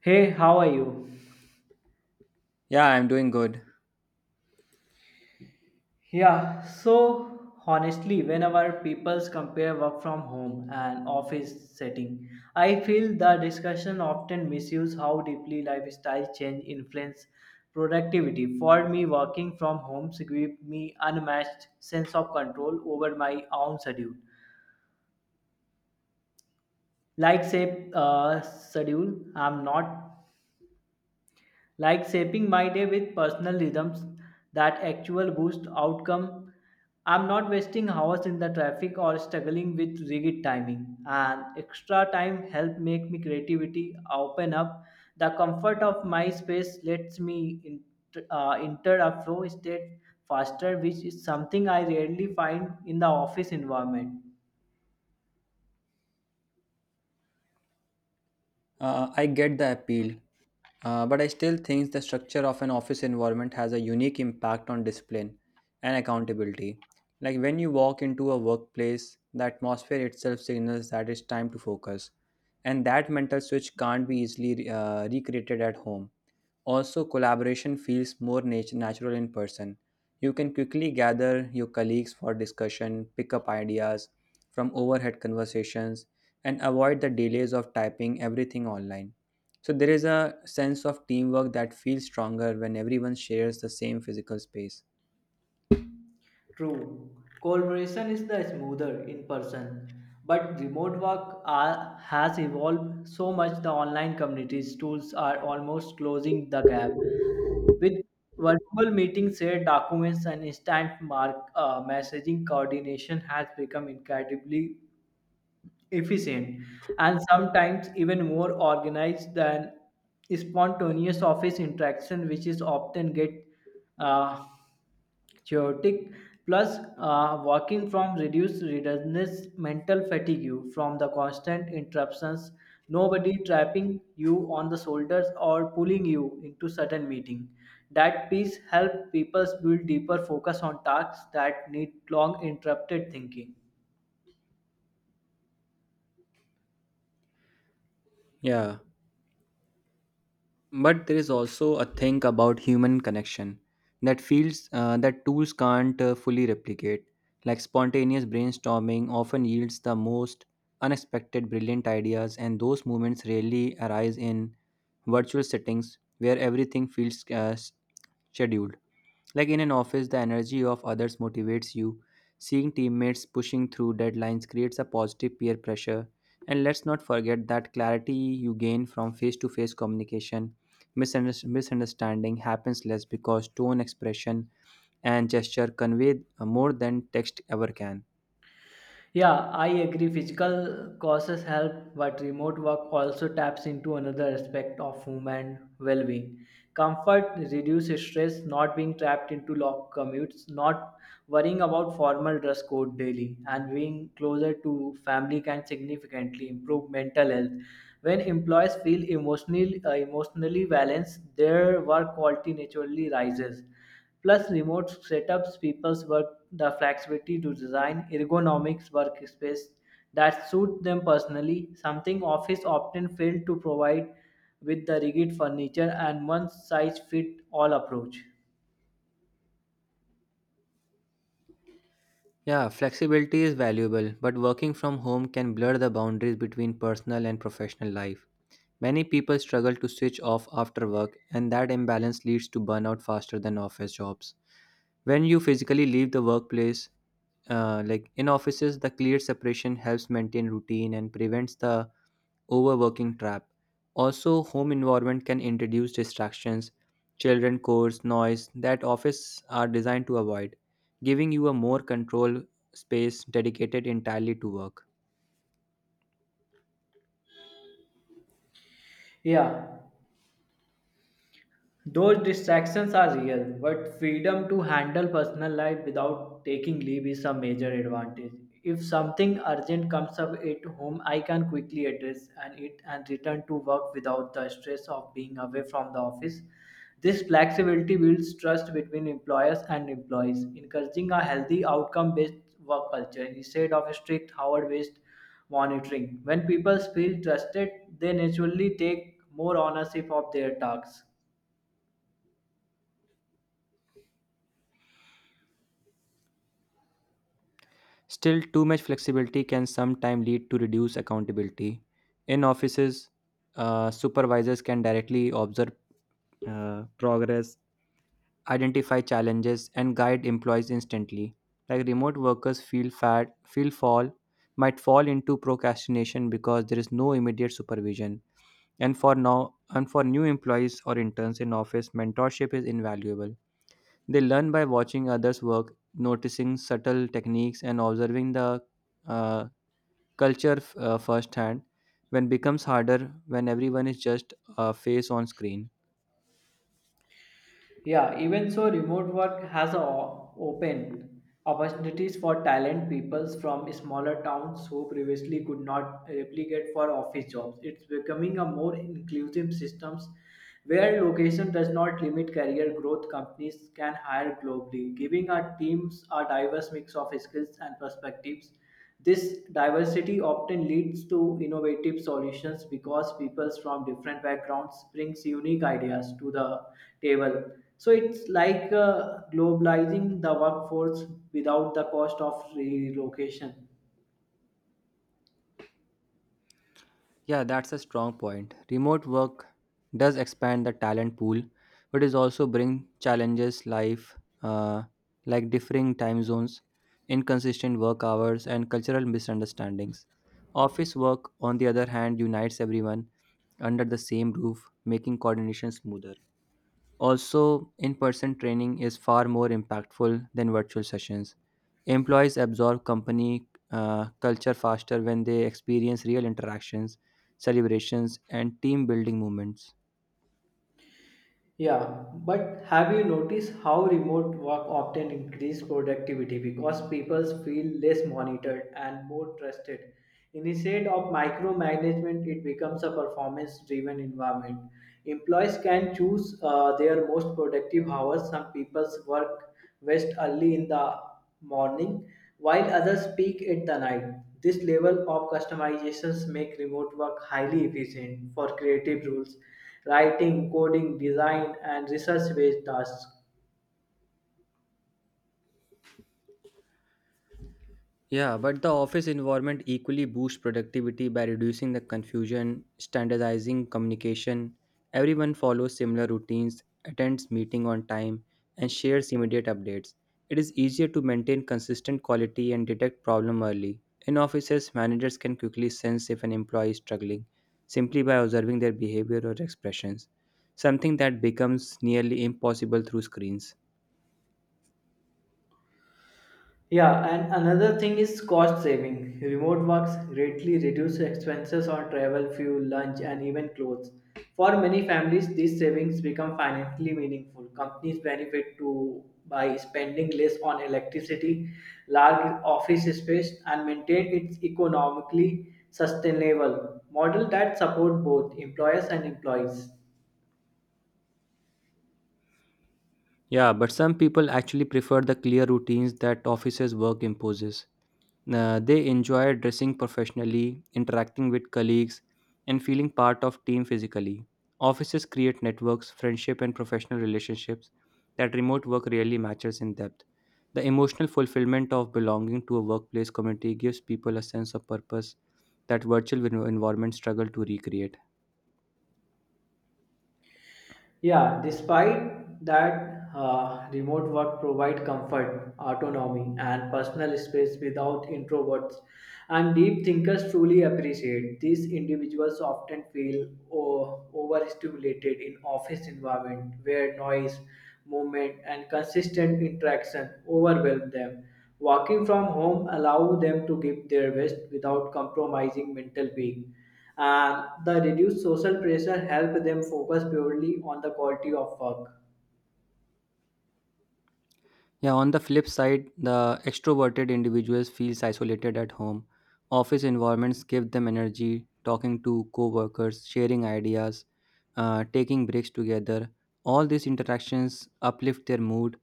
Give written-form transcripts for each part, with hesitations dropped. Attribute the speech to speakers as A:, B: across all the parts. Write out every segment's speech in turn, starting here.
A: Hey, how are you?
B: Yeah, I'm doing good.
A: Yeah, so honestly, whenever people compare work from home and office setting, I feel the discussion often misuse how deeply lifestyle change influence productivity. For me, working from home gives me unmatched sense of control over my own schedule. Like say, schedule, I'm not like shaping my day with personal rhythms that actual boost outcome. I'm not wasting hours in the traffic or struggling with rigid timing. And extra time help make me creativity open up. The comfort of my space lets me enter a flow state faster, which is something I rarely find in the office environment.
B: I get the appeal, but I still think the structure of an office environment has a unique impact on discipline and accountability. Like when you walk into a workplace, the atmosphere itself signals that it's time to focus, and that mental switch can't be easily recreated at home. Also, collaboration feels more natural in person. You can quickly gather your colleagues for discussion, pick up ideas from overhead conversations, and avoid the delays of typing everything online. So, there is a sense of teamwork that feels stronger when everyone shares the same physical space.
A: True, collaboration is the smoother in person, but has evolved so much. The online communities tools are almost closing the gap with virtual meetings, shared documents, and instant mark messaging. Coordination has become incredibly efficient and sometimes even more organized than spontaneous office interaction, which is often get uh, chaotic. Plus working from reduced readiness mental fatigue from the constant interruptions, nobody trapping you on the shoulders or pulling you into certain meeting. That peace help people build deeper focus on tasks that need long interrupted thinking.
B: Yeah, but there is also a thing about human connection that feels that tools can't fully replicate, like spontaneous brainstorming often yields the most unexpected brilliant ideas, and those moments rarely arise in virtual settings where everything feels scheduled. Like in an office, the energy of others motivates you. Seeing teammates pushing through deadlines creates a positive peer pressure. And let's not forget that clarity you gain from face to face communication. Misunderstanding happens less because tone, expression, and gesture convey more than text ever can.
A: Yeah, I agree. Physical causes help, but remote work also taps into another aspect of human well being. Comfort reduces stress, not being trapped into long commutes, not worrying about formal dress code daily, and being closer to family can significantly improve mental health. When employees feel emotionally balanced, their work quality naturally rises. Plus, remote setups people's work the flexibility to design ergonomics workspace that suit them personally, something office often fail to provide with the rigid furniture and one size fit all approach.
B: Yeah, flexibility is valuable, but working from home can blur the boundaries between personal and professional life. Many people struggle to switch off after work, and that imbalance leads to burnout faster than office jobs. When you physically leave the workplace, like in offices, the clear separation helps maintain routine and prevents the overworking trap. Also, home environment can introduce distractions, children chores, noise that office are designed to avoid, giving you a more control space dedicated entirely to work.
A: Yeah, those distractions are real, but freedom to handle personal life without taking leave is a major advantage. If something urgent comes up at home, I can quickly address and it and return to work without the stress of being away from the office. This flexibility builds trust between employers and employees, encouraging a healthy outcome-based work culture instead of strict hour-based monitoring. When people feel trusted, they naturally take more ownership of their tasks.
B: Still, too much flexibility can sometimes lead to reduced accountability. In offices, supervisors can directly observe progress, identify challenges, and guide employees instantly. Like remote workers feel fat, feel fall, might fall into procrastination because there is no immediate supervision. And for new employees or interns in office, mentorship is invaluable. They learn by watching others work, noticing subtle techniques, and observing the uh, culture firsthand. When becomes harder when everyone is just a face on screen.
A: Yeah, even so, remote work has opened opportunities for talent peoples from smaller towns who previously could not replicate for office jobs. It's becoming a more inclusive systems where location does not limit career growth. Companies can hire globally, giving our teams a diverse mix of skills and perspectives. This diversity often leads to innovative solutions because people from different backgrounds brings unique ideas to the table. So it's like globalizing the workforce without the cost of relocation.
B: Yeah, that's a strong point. Remote work does expand the talent pool, but it also bring challenges life uh, like differing time zones, inconsistent work hours, and cultural misunderstandings. Office work, on the other hand, unites everyone under the same roof, making coordination smoother. Also, in person training is far more impactful than virtual sessions. Employees absorb company culture faster when they experience real interactions, celebrations, and team building moments.
A: Yeah, but have you noticed how remote work often increases productivity because people feel less monitored and more trusted? Instead of micromanagement, it becomes a performance driven environment. Employees can choose their most productive hours. Some people work best early in the morning, while others peak at the night. This level of customizations make remote work highly efficient for creative roles writing, coding, design, and research based tasks.
B: Yeah, but the office environment equally boosts productivity by reducing the confusion, standardizing communication. Everyone follows similar routines, attends meeting on time, and shares immediate updates. It is easier to maintain consistent quality and detect problem early. In offices, managers can quickly sense if an employee is struggling simply by observing their behavior or expressions, something that becomes nearly impossible through screens.
A: Yeah, and another thing is cost saving. Remote works greatly reduce expenses on travel, fuel, lunch, and even clothes. For many families, these savings become financially meaningful. Companies benefit to by spending less on electricity, large office space, and maintain its economically sustainable model that support both employers and employees.
B: Yeah, but some people actually prefer the clear routines that offices work imposes. They enjoy dressing professionally, interacting with colleagues, and feeling part of team physically. Offices create networks, friendship, and professional relationships that remote work really matches in depth. The emotional fulfillment of belonging to a workplace community gives people a sense of purpose that virtual environments struggle to recreate.
A: Yeah, despite that, remote work provide comfort, autonomy, and personal space without introverts. And deep thinkers truly appreciate these individuals often feel overstimulated in office environment where noise, movement, and consistent interaction overwhelm them. Working from home allow them to give their best without compromising mental being. The reduced social pressure help them focus purely on the quality of work.
B: Yeah, on the flip side, the extroverted individuals feels isolated at home. Office environments give them energy, talking to co-workers, sharing ideas, taking breaks together. All these interactions uplift their mood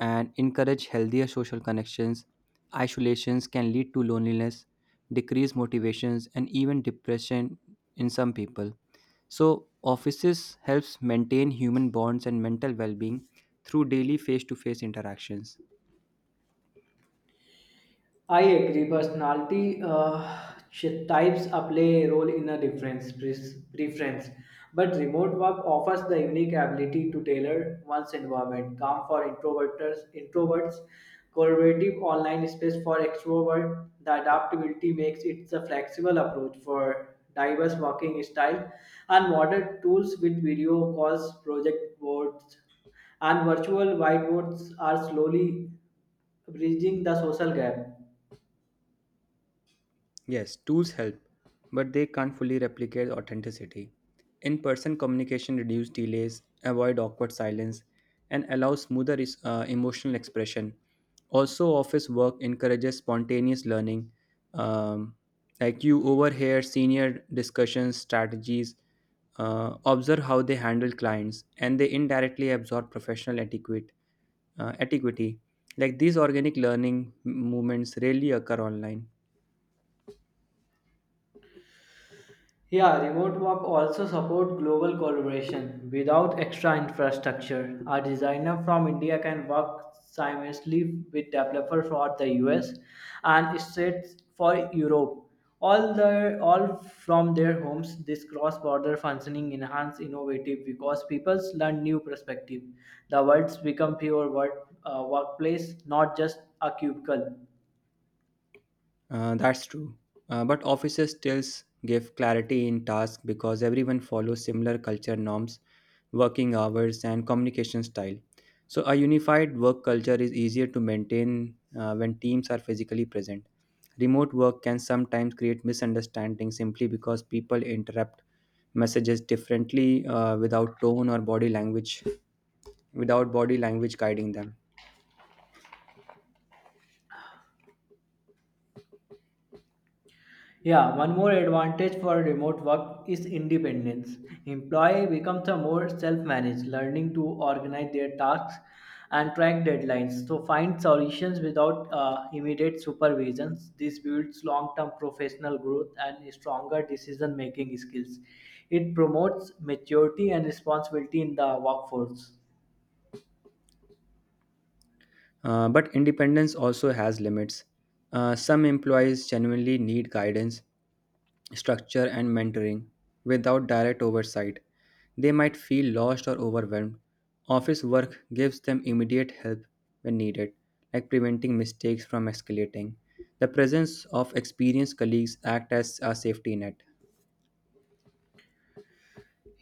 B: and encourage healthier social connections. Isolations can lead to loneliness, decreased motivations, and even depression in some people. So, offices helps maintain human bonds and mental well-being through daily face-to-face interactions.
A: I agree. Personality ch- types play a role in a preference, but remote work offers the unique ability to tailor one's environment. Calm for introverts, collaborative online space for extrovert. The adaptability makes it a flexible approach for diverse working style, and modern tools with video calls, project boards, and virtual whiteboards are slowly bridging the social gap.
B: Yes, tools help, but they can't fully replicate authenticity. In person communication reduces delays, avoid awkward silence, and allows smoother emotional expression. Also, office work encourages spontaneous learning. Um, like you overhear senior discussions, strategies, observe how they handle clients, and they indirectly absorb professional etiquette. Uh, etiquette. Like these organic learning movements rarely occur online.
A: Yeah, remote work also support global collaboration. Without extra infrastructure, a designer from India can work simultaneously with developer for the US and states for Europe. All the all from their homes, this cross-border functioning enhance innovative because people learn new perspective. The worlds become pure workplace, not just a cubicle.
B: That's true. But offices still give clarity in tasks because everyone follows similar culture norms, working hours, and communication style. So, a unified work culture is easier to maintain when teams are physically present. Remote work can sometimes create misunderstandings simply because people interrupt messages differently without tone or body language, without body language guiding them.
A: Yeah, one more advantage for remote work is independence. Employee becomes a more self-managed, learning to organize their tasks and track deadlines. So find solutions without immediate supervision. This builds long-term professional growth and stronger decision-making skills. It promotes maturity and responsibility in the workforce.
B: But independence also has limits. Some employees genuinely need guidance, structure, and mentoring without direct oversight. They might feel lost or overwhelmed. Office work gives them immediate help when needed, like preventing mistakes from escalating. The presence of experienced colleagues act as a safety net.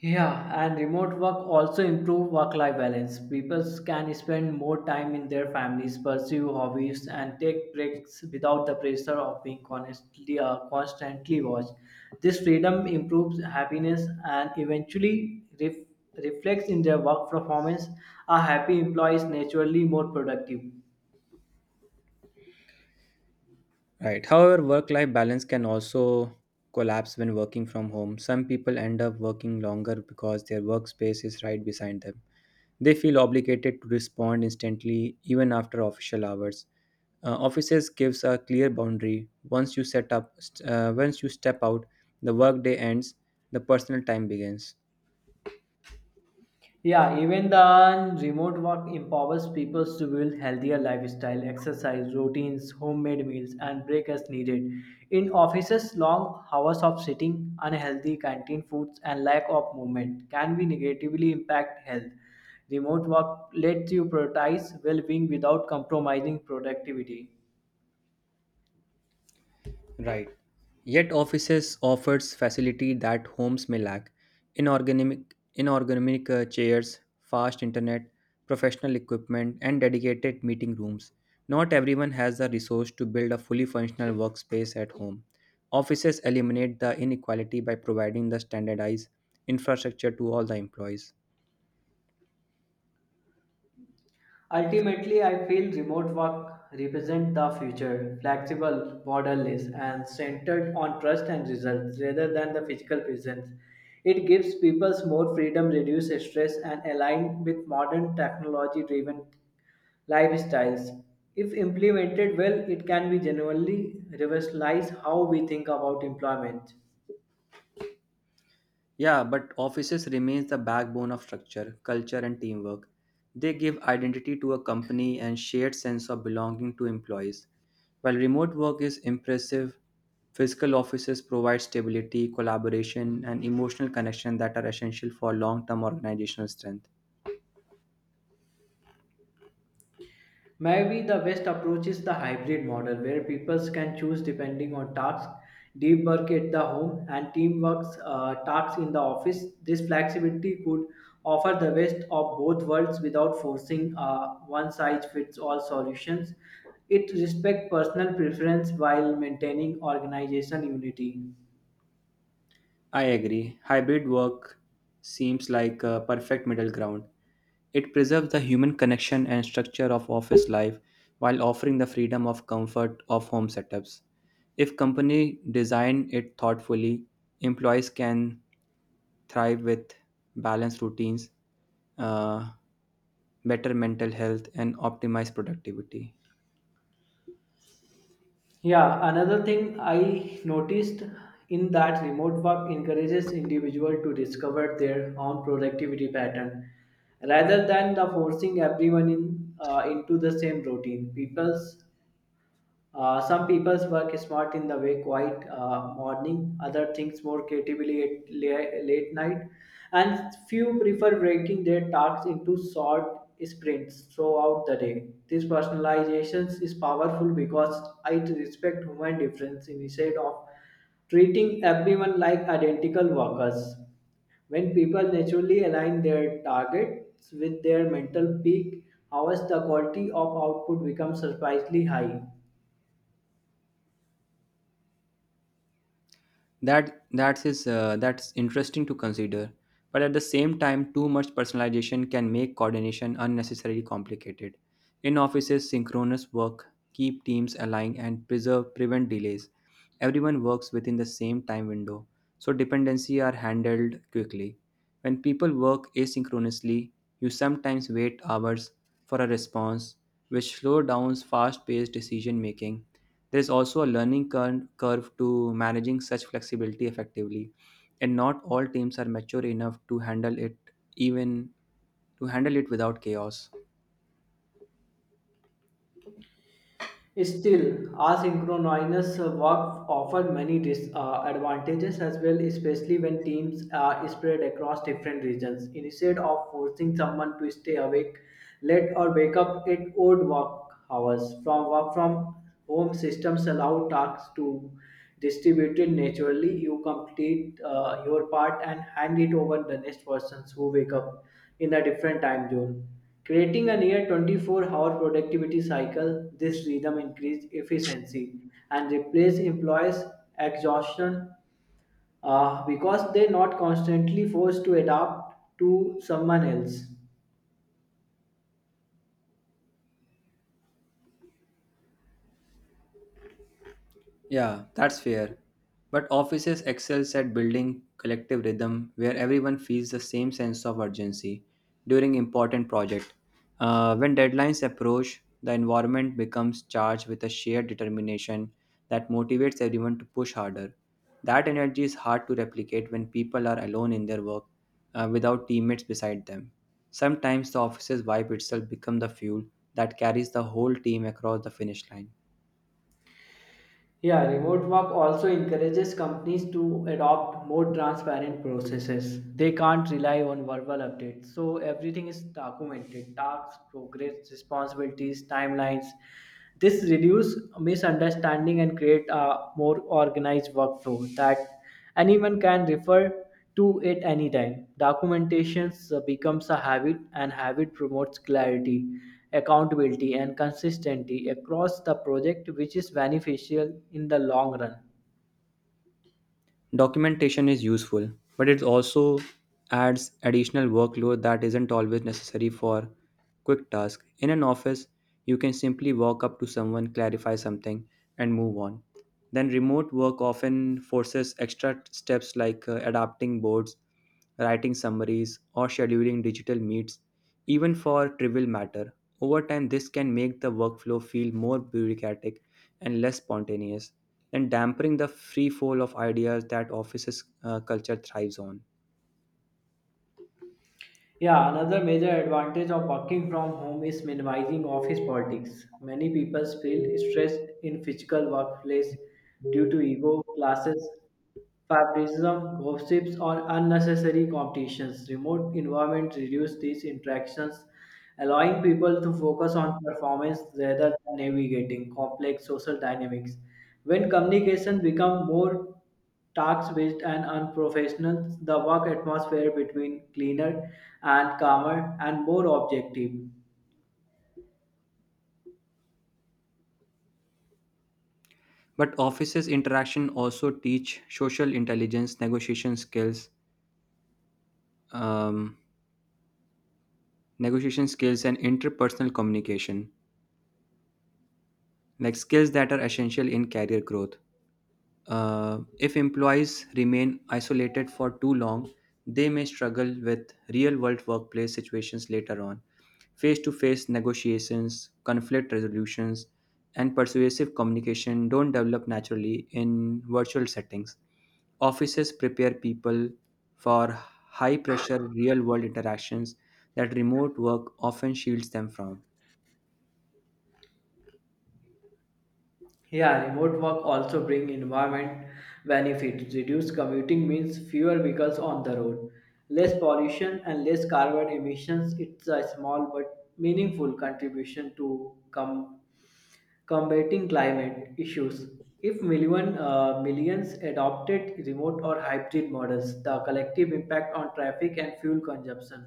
A: Yeah, and remote work also improve work-life balance. People can spend more time in their families, pursue hobbies, and take breaks without the pressure of being constantly watched. This freedom improves happiness and eventually reflects in their work performance. A happy employee is naturally more productive.
B: Right. However, work-life balance can also collapse when working from home. Some people end up working longer because their workspace is right beside them. They feel obligated to respond instantly, even after official hours. Offices gives a clear boundary. Once you step out, the workday ends. The personal time begins.
A: Yeah, even then, remote work empowers people to build healthier lifestyle, exercise routines, homemade meals, and break as needed. In offices, long hours of sitting, unhealthy canteen foods, and lack of movement can be negatively impact health. Remote work lets you prioritize well-being without compromising productivity.
B: Right. Yet offices offers facility that homes may lack. Inorganic chairs, fast internet, professional equipment, and dedicated meeting rooms. Not everyone has the resource to build a fully functional workspace at home. Offices eliminate the inequality by providing the standardized infrastructure to all the employees.
A: Ultimately, I feel remote work represents the future, flexible, borderless, and centered on trust and results rather than the physical presence. It gives people more freedom, reduces stress, and align with modern technology-driven lifestyles. If implemented well, it can be genuinely revolutionize how we think about employment.
B: Yeah, but offices remains the backbone of structure, culture and teamwork. They give identity to a company and shared sense of belonging to employees. While remote work is impressive, physical offices provide stability, collaboration and emotional connection that are essential for long-term organizational strength.
A: Maybe the best approach is the hybrid model where people can choose depending on tasks, deep work at the home, and teamwork tasks in the office. This flexibility could offer the best of both worlds without forcing one size fits all solutions. It respects personal preference while maintaining organizational unity.
B: I agree. Hybrid work seems like a perfect middle ground. It preserves the human connection and structure of office life while offering the freedom of comfort of home setups. If company design it thoughtfully, employees can thrive with balanced routines, uh, better mental health, and optimize productivity.
A: Yeah, another thing I noticed in that remote work encourages individual to discover their own productivity pattern rather than the forcing everyone in into the same routine. People's Some people's work is smart in the way quiet morning, other things more creatively at late night, and few prefer breaking their tasks into short sprints throughout the day. This personalization is powerful because it respects human difference instead of treating everyone like identical workers. When people naturally align their targets with their mental peak, hours the quality of output becomes surprisingly high.
B: That's interesting to consider, but at the same time too much personalization can make coordination unnecessarily complicated. In offices, synchronous work keep teams aligned and preserve prevent delays. Everyone works within the same time window, so dependency are handled quickly. When people work asynchronously, you sometimes wait hours for a response, which slows down fast-paced decision making. There is also a learning curve to managing such flexibility effectively, and not all teams are mature enough to handle it, even to handle it without chaos.
A: Still, asynchronous work offers many disadvantages as well, especially when teams are spread across different regions. Instead of forcing someone to stay awake late or wake up at odd work hours, from work from home systems allow tasks to distributed naturally. You complete your part and hand it over the next persons who wake up in a different time zone. Creating a near 24-hour productivity cycle, this rhythm increases efficiency and replaces employees' exhaustion because they're not constantly forced to adapt to someone else.
B: Yeah, that's fair. But offices excels at building collective rhythm where everyone feels the same sense of urgency during important project. When deadlines approach, the environment becomes charged with a shared determination that motivates everyone to push harder. That energy is hard to replicate when people are alone in their work without teammates beside them. Sometimes the office's vibe itself becomes the fuel that carries the whole team across the finish line.
A: Yeah, remote work also encourages companies to adopt more transparent processes. They can't rely on verbal updates. So everything is documented tasks, progress, responsibilities, timelines. This reduces misunderstanding and create a more organized workflow that anyone can refer to it anytime. Documentations becomes a habit and habit promotes clarity, accountability and consistency across the project which is beneficial in the long run.
B: Documentation is useful, but it also adds additional workload that isn't always necessary for quick tasks. In an office, you can simply walk up to someone, clarify something, and move on. Then, remote work often forces extra steps like adapting boards, writing summaries, or scheduling digital meets, even for trivial matter. Over time, this can make the workflow feel more bureaucratic and less spontaneous, and dampering the free fall of ideas that offices culture thrives on.
A: Yeah, another major advantage of working from home is minimizing office politics. Many people feel stressed in physical workplace due to ego, classes, favoritism, gossips, or unnecessary competitions. Remote environments reduce these interactions, allowing people to focus on performance rather than navigating complex social dynamics. When communication becomes more tax-based and unprofessional, the work atmosphere between cleaner and calmer and more objective.
B: But offices interaction also teach social intelligence, um, negotiation skills and interpersonal communication, like skills that are essential in career growth. If employees remain isolated for too long, they may struggle with real world workplace situations later on. Face to face negotiations, conflict resolutions, and persuasive communication don't develop naturally in virtual settings. Offices prepare people for high pressure real world interactions that remote work often shields them from.
A: Yeah, remote work also bring environment benefits. Reduced commuting means fewer vehicles on the road, less pollution and less carbon emissions. It's a small but meaningful contribution to combating climate issues. If millions adopted remote or hybrid models, the collective impact on traffic and fuel consumption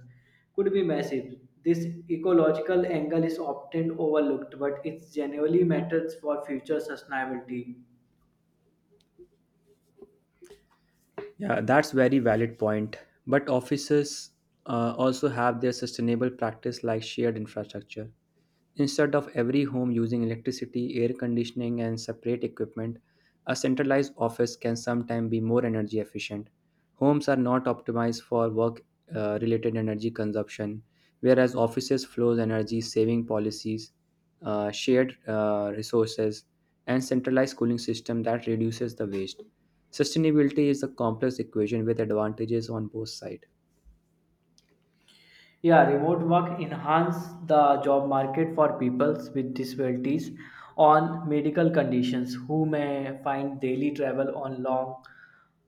A: could be massive. This ecological angle is often overlooked, but it genuinely matters for future sustainability.
B: Yeah, that's very valid point. But offices also have their sustainable practice like shared infrastructure. Instead of every home using electricity, air conditioning, and separate equipment, a centralized office can sometimes be more energy efficient. Homes are not optimized for work related energy consumption, whereas offices flows energy saving policies, shared resources, and centralized cooling system that reduces the waste. Sustainability is a complex equation with advantages on both sides.
A: Yeah, remote work enhance the job market for peoples with disabilities on medical conditions who may find daily travel on long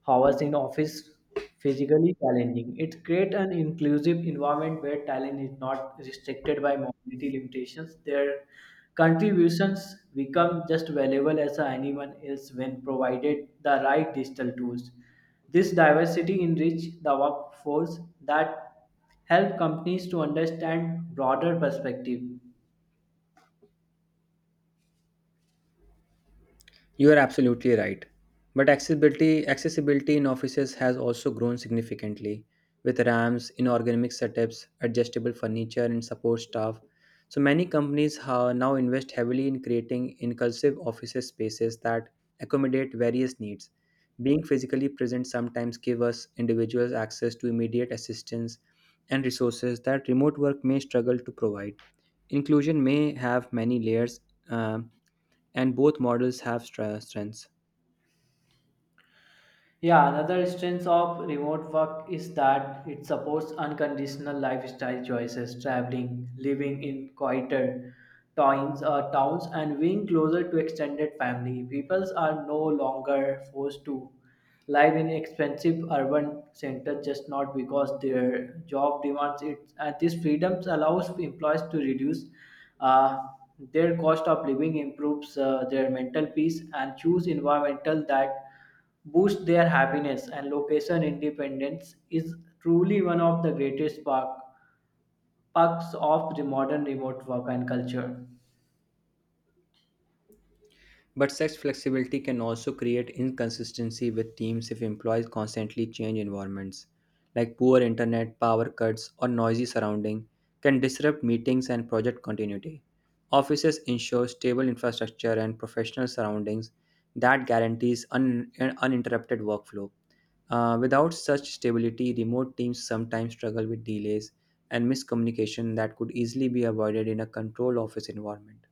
A: hours in office physically challenging. It creates an inclusive environment where talent is not restricted by mobility limitations. Their contributions become just valuable as anyone else when provided the right digital tools. This diversity enrich the workforce that help companies to understand broader perspective.
B: You are absolutely right. But accessibility in offices has also grown significantly with ramps, ergonomic setups, adjustable furniture, and support staff. So many companies now invest heavily in creating inclusive office spaces that accommodate various needs. Being physically present sometimes give us individuals access to immediate assistance and resources that remote work may struggle to provide. Inclusion may have many layers, uh, and both models have strengths.
A: Yeah, another strength of remote work is that it supports unconditional lifestyle choices, traveling, living in quieter towns and being closer to extended family. People are no longer forced to live in expensive urban centers just not because their job demands it. And this freedoms allows employees to reduce uh, their cost of living, improves their mental peace, and choose environmental that boost their happiness, and location independence is truly one of the greatest sparks of the modern remote work and culture.
B: But such flexibility can also create inconsistency with teams if employees constantly change environments, like poor internet, power cuts, or noisy surrounding can disrupt meetings and project continuity. Offices ensure stable infrastructure and professional surroundings that guarantees an uninterrupted workflow. Without such stability, remote teams sometimes struggle with delays and miscommunication that could easily be avoided in a controlled office environment.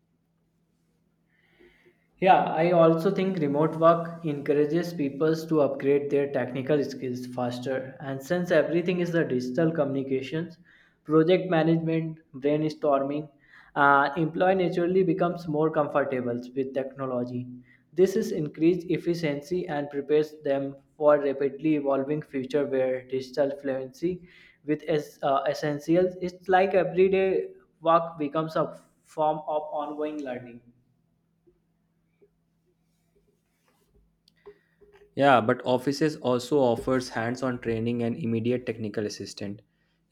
A: Yeah, I also think remote work encourages people to upgrade their technical skills faster. And since everything is the digital communications, project management, brainstorming, employee naturally becomes more comfortable with technology. This is increased efficiency and prepares them for rapidly evolving future where digital fluency with essentials. It's like everyday work becomes a form of ongoing learning.
B: Yeah, but offices also offers hands-on training and immediate technical assistance.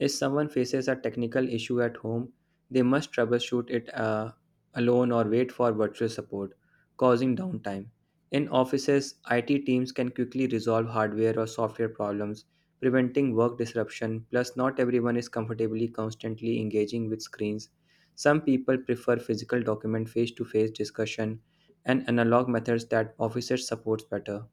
B: If someone faces a technical issue at home, they must troubleshoot it alone or wait for virtual support, causing downtime. In offices, IT teams can quickly resolve hardware or software problems, preventing work disruption. Plus, not everyone is comfortably constantly engaging with screens. Some people prefer physical document face-to-face discussion and analog methods that officers supports better.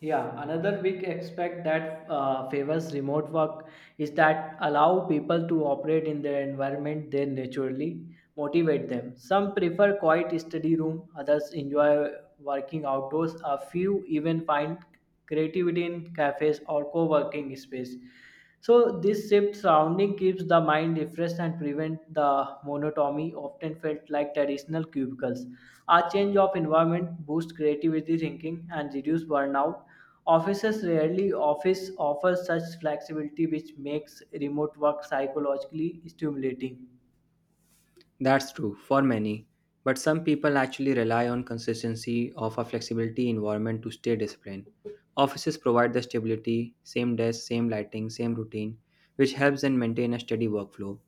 A: Yeah, another big aspect that favors remote work is that allow people to operate in their environment they naturally motivate them. Some prefer quiet study room, others enjoy working outdoors, a few even find creativity in cafes or co-working space. So this shift surrounding keeps the mind refreshed and prevent the monotony often felt like traditional cubicles. A change of environment boosts creativity thinking and reduce burnout. Offices rarely office offers such flexibility, which makes remote work psychologically stimulating.
B: That's true for many, but some people actually rely on consistency of a flexibility environment to stay disciplined. Offices provide the stability, same desk, same lighting, same routine, which helps them maintain a steady workflow.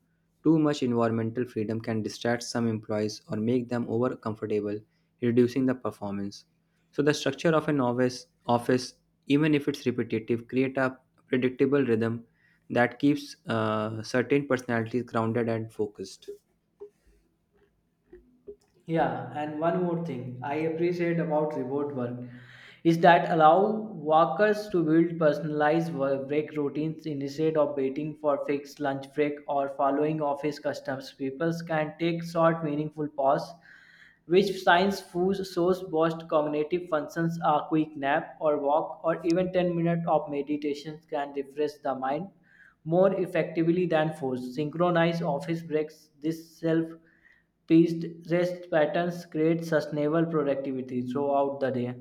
B: Too much environmental freedom can distract some employees or make them over comfortable, reducing the performance. So the structure of an office, even if it's repetitive, create a predictable rhythm that keeps certain personalities grounded and focused.
A: Yeah, and one more thing I appreciate about remote work is that allow workers to build personalized work break routines instead of waiting for fixed lunch break or following office customs. People can take short, meaningful pause, which science foods shows boost cognitive functions. A quick nap or walk or even 10 minutes of meditation can refresh the mind more effectively than force. Synchronized office breaks, this self these rest patterns create sustainable productivity throughout the day.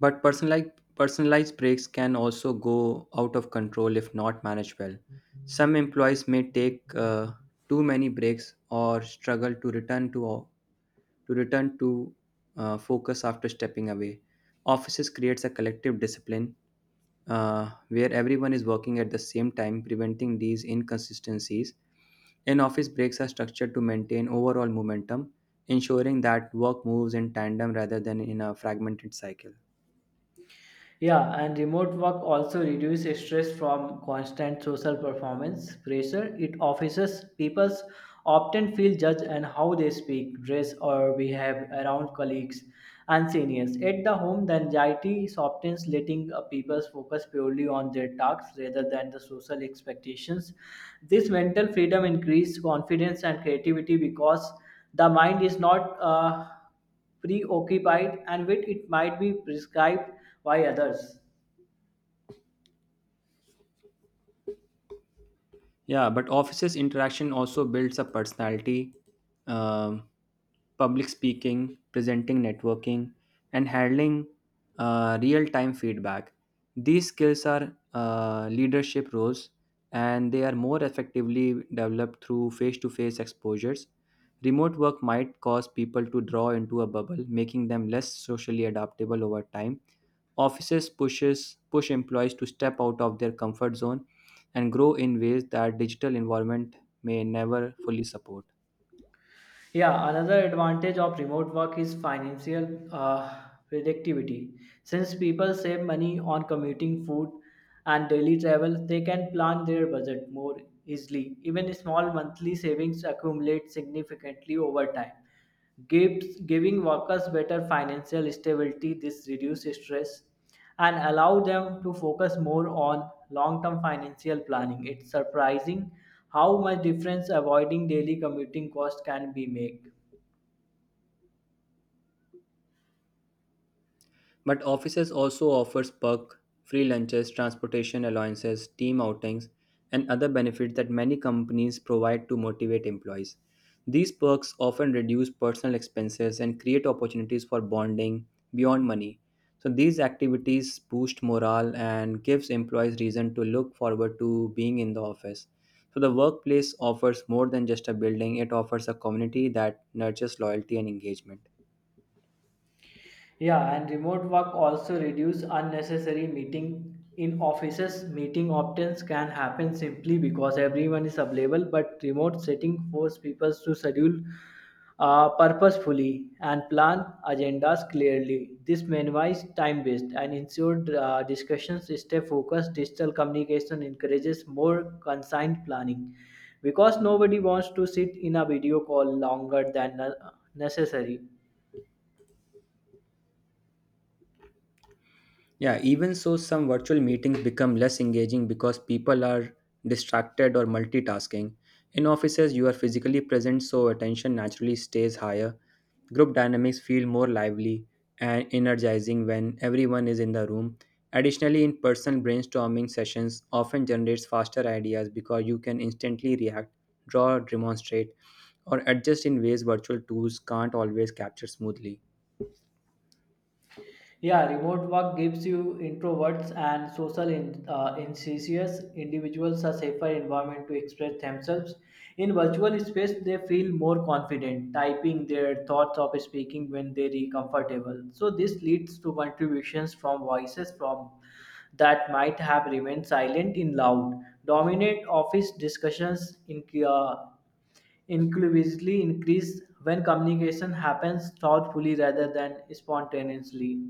B: But personalized breaks can also go out of control if not managed well. Some employees may take too many breaks or struggle to return to focus after stepping away. Offices creates a collective discipline where everyone is working at the same time, preventing these inconsistencies. In office breaks are structured to maintain overall momentum, ensuring that work moves in tandem rather than in a fragmented cycle.
A: Yeah, and remote work also reduces stress from constant social performance pressure. It offices people often feel judged and how they speak, dress, or behave around colleagues and seniors. At the home, the anxiety softens, letting people focus purely on their tasks rather than the social expectations. This mental freedom increases confidence and creativity because the mind is not. Preoccupied and with it might be prescribed by others.
B: Yeah, but offices interaction also builds a personality, um, public speaking, presenting, networking, and handling real-time feedback. These skills are leadership roles, and they are more effectively developed through face-to-face exposures. Remote work might cause people to draw into a bubble, making them less socially adaptable over time. Offices push employees to step out of their comfort zone and grow in ways that digital environment may never fully support.
A: Yeah, another advantage of remote work is financial predictability. Since people save money on commuting, food, and daily travel, they can plan their budget more easily. Even small monthly savings accumulate significantly over time, giving workers better financial stability. This reduces stress and allow them to focus more on long-term financial planning. It's surprising how much difference avoiding daily commuting cost can be make.
B: But offices also offers perk, free lunches, transportation allowances, team outings, and other benefits that many companies provide to motivate employees. These perks often reduce personal expenses and create opportunities for bonding beyond money. So these activities boost morale and gives employees reason to look forward to being in the office. So the workplace offers more than just a building, it offers a community that nurtures loyalty and engagement.
A: Yeah, and remote work also reduce unnecessary meeting. In offices meeting often can happen simply because everyone is available, but remote setting force people to schedule purposefully and plan agendas clearly. This minimizes time waste and ensures discussions stay focused. Digital communication encourages more consigned planning because nobody wants to sit in a video call longer than necessary.
B: Yeah, even so, some virtual meetings become less engaging because people are distracted or multitasking. In offices, you are physically present, so attention naturally stays higher. Group dynamics feel more lively and energizing when everyone is in the room. Additionally, in person brainstorming sessions often generates faster ideas because you can instantly react, draw, demonstrate, or adjust in ways virtual tools can't always capture smoothly.
A: Yeah, remote work gives you introverts and social enthusiasts individuals a safer environment to express themselves. In virtual space, they feel more confident typing their thoughts of speaking when they are comfortable. So this leads to contributions from voices from that might have remained silent in loud, dominant office discussions uh, inclusively increase when communication happens thoughtfully rather than spontaneously.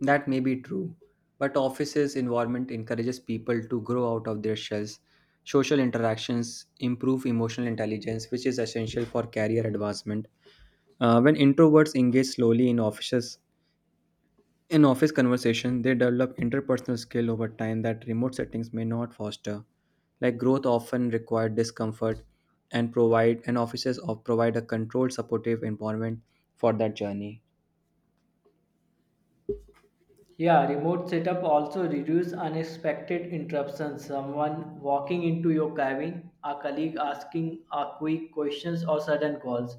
B: That may be true, but offices environment encourages people to grow out of their shells. Social interactions improve emotional intelligence, which is essential for career advancement. When introverts engage slowly in office conversation, they develop interpersonal skill over time that remote settings may not foster. Like growth often require discomfort and provide and offices of provide a controlled supportive environment for that journey.
A: Yeah, remote setup also reduce unexpected interruptions. Someone walking into your cabin, a colleague asking a quick questions or sudden calls.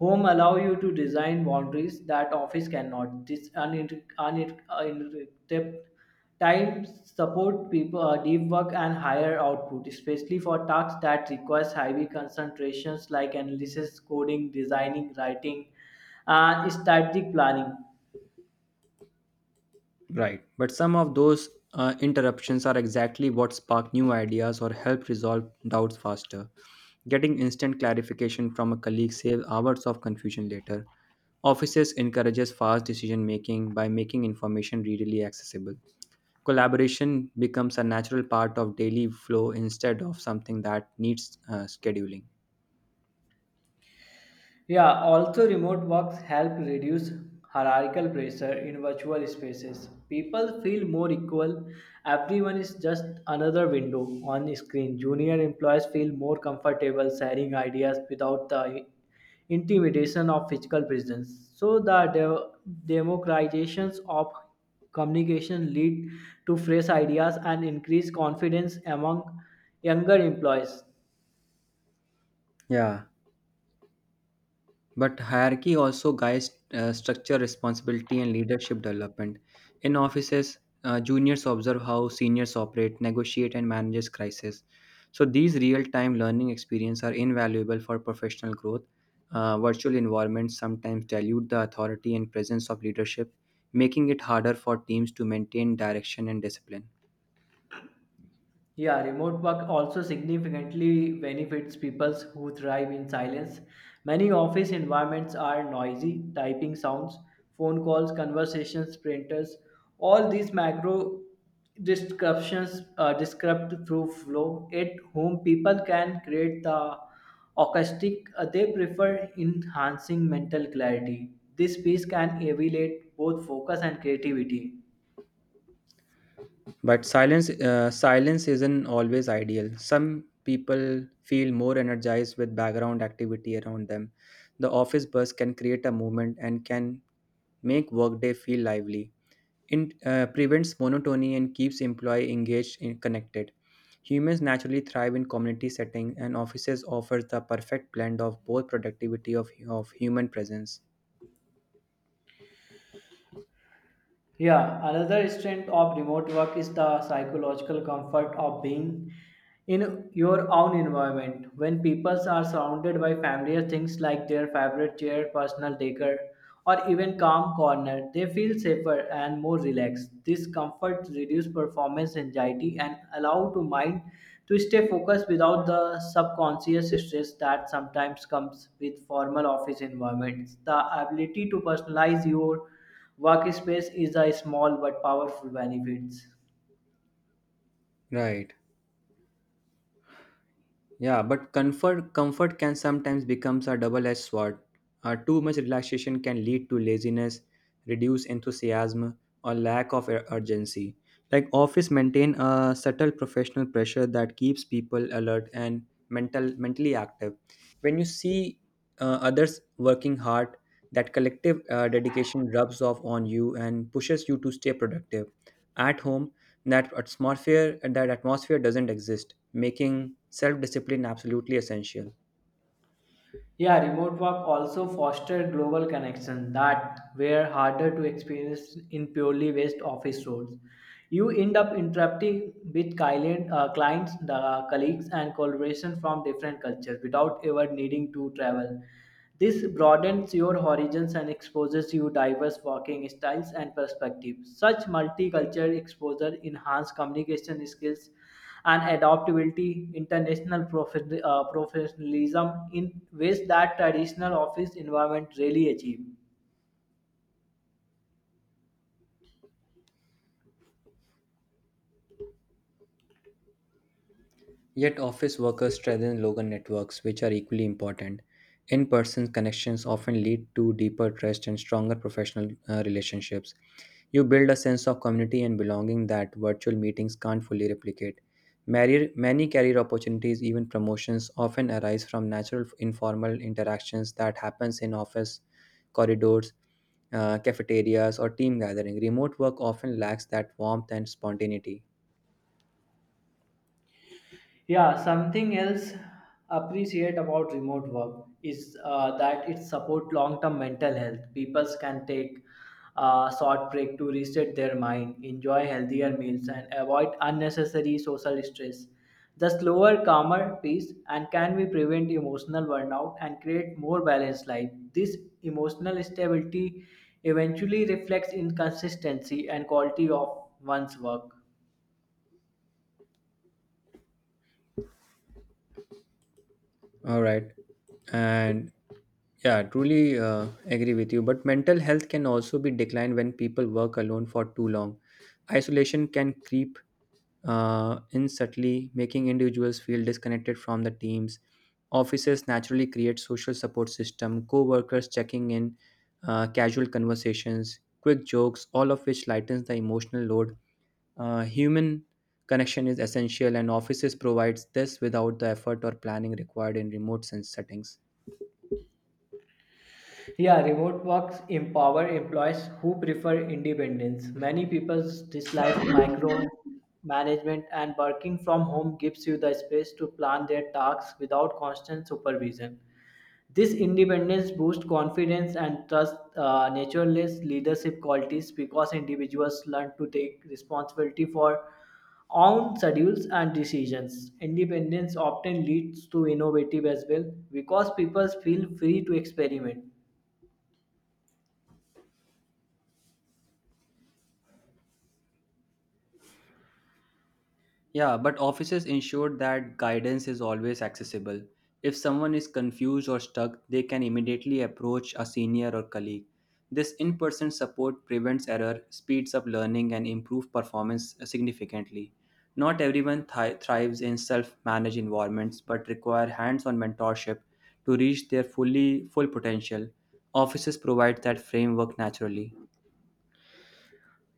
A: Home allow you to design boundaries that office cannot. This uninterrupted time support people deep work and higher output, especially for tasks that requires heavy concentrations like analysis, coding, designing, writing, and strategic planning.
B: Right. But some of those interruptions are exactly what spark new ideas or help resolve doubts faster. Getting instant clarification from a colleague saves hours of confusion later. Offices encourages fast decision making by making information readily accessible. Collaboration becomes a natural part of daily flow instead of something that needs scheduling.
A: Yeah, also remote works help reduce hierarchical pressure in virtual spaces. People feel more equal. Everyone is just another window on a screen. Junior employees feel more comfortable sharing ideas without the intimidation of physical presence. So the democratizations of communication lead to fresh ideas and increased confidence among younger employees.
B: Yeah, but hierarchy also guides structure, responsibility, and leadership development. In offices, juniors observe how seniors operate, negotiate, and manages crisis. So these real-time learning experience are invaluable for professional growth. Virtual environments sometimes dilute the authority and presence of leadership, making it harder for teams to maintain direction and discipline.
A: Yeah, remote work also significantly benefits people who thrive in silence. Many office environments are noisy, typing sounds, phone calls, conversations, printers. All these macro disruptions are disrupt through flow at whom people can create the acoustic they prefer, enhancing mental clarity. This piece can elevate both focus and creativity.
B: But silence isn't always ideal. Some people feel more energized with background activity around them. The office bus can create a movement and can make workday feel lively. It prevents monotony and keeps employee engaged and connected. Humans naturally thrive in community setting, and offices offer the perfect blend of both productivity of human presence.
A: Yeah, another strength of remote work is the psychological comfort of being in your own environment. When people are surrounded by familiar things like their favorite chair, personal decor, or even calm corner, they feel safer and more relaxed. This comfort reduces performance anxiety and allow to mind to stay focused without the subconscious stress that sometimes comes with formal office environments. The ability to personalize your workspace is a small but powerful benefits.
B: Right. Yeah, but comfort can sometimes becomes a double-edged sword. Too much relaxation can lead to laziness, reduce enthusiasm, or lack of urgency. Like office maintain a subtle professional pressure that keeps people alert and mentally active. When you see others working hard, that collective dedication rubs off on you and pushes you to stay productive. At home, that atmosphere doesn't exist, making self-discipline absolutely essential.
A: Yeah, remote work also foster global connection that were harder to experience in purely based office roles. You end up interacting with clients, the colleagues, and collaboration from different cultures without ever needing to travel. This broadens your horizons and exposes you diverse working styles and perspectives. Such multicultural exposure enhance communication skills and adaptability, international professionalism in ways that traditional office environment really achieve.
B: Yet office workers strengthen local networks, which are equally important. In-person connections often lead to deeper trust and stronger professional relationships. You build a sense of community and belonging that virtual meetings can't fully replicate. Many career opportunities, even promotions, often arise from natural informal interactions that happens in office corridors, cafeterias, or team gathering. Remote work often lacks that warmth and spontaneity.
A: Yeah, something else appreciate about remote work is that it support long-term mental health. People can take a short break to reset their mind, enjoy healthier meals, and avoid unnecessary social stress. The slower, calmer pace and can be prevent emotional burnout and create more balanced life. This emotional stability eventually reflects in consistency and quality of one's work.
B: All right, and yeah, truly agree with you. But mental health can also be declined when people work alone for too long. Isolation can creep in subtly, making individuals feel disconnected from the teams. Offices naturally create social support system, co-workers checking in, casual conversations, quick jokes, all of which lightens the emotional load. Human connection is essential, and offices provides this without the effort or planning required in remote sense settings.
A: Yeah, remote works empower employees who prefer independence. Many people dislike micromanagement, and working from home gives you the space to plan their tasks without constant supervision. This independence boosts confidence and trust, naturalist leadership qualities because individuals learn to take responsibility for own schedules and decisions. Independence often leads to innovative as well because people feel free to experiment.
B: Yeah, but offices ensure that guidance is always accessible. If someone is confused or stuck, they can immediately approach a senior or colleague. This in person support prevents error, speeds up learning, and improves performance significantly. Not everyone thrives in self managed environments but require hands on mentorship to reach their full potential. Offices provide that framework naturally.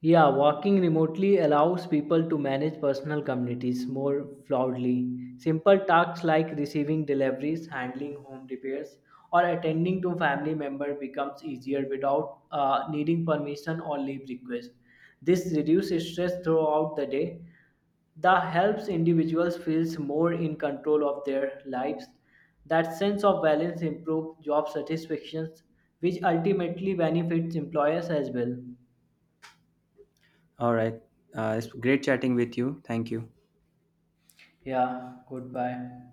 A: Yeah, working remotely allows people to manage personal communities more fluidly. Simple tasks like receiving deliveries, handling home repairs, or attending to family member becomes easier without needing permission or leave request. This reduces stress throughout the day. The helps individuals feels more in control of their lives. That sense of balance improves job satisfaction, which ultimately benefits employers as well.
B: All right, it's great chatting with you. Thank you.
A: Yeah, goodbye.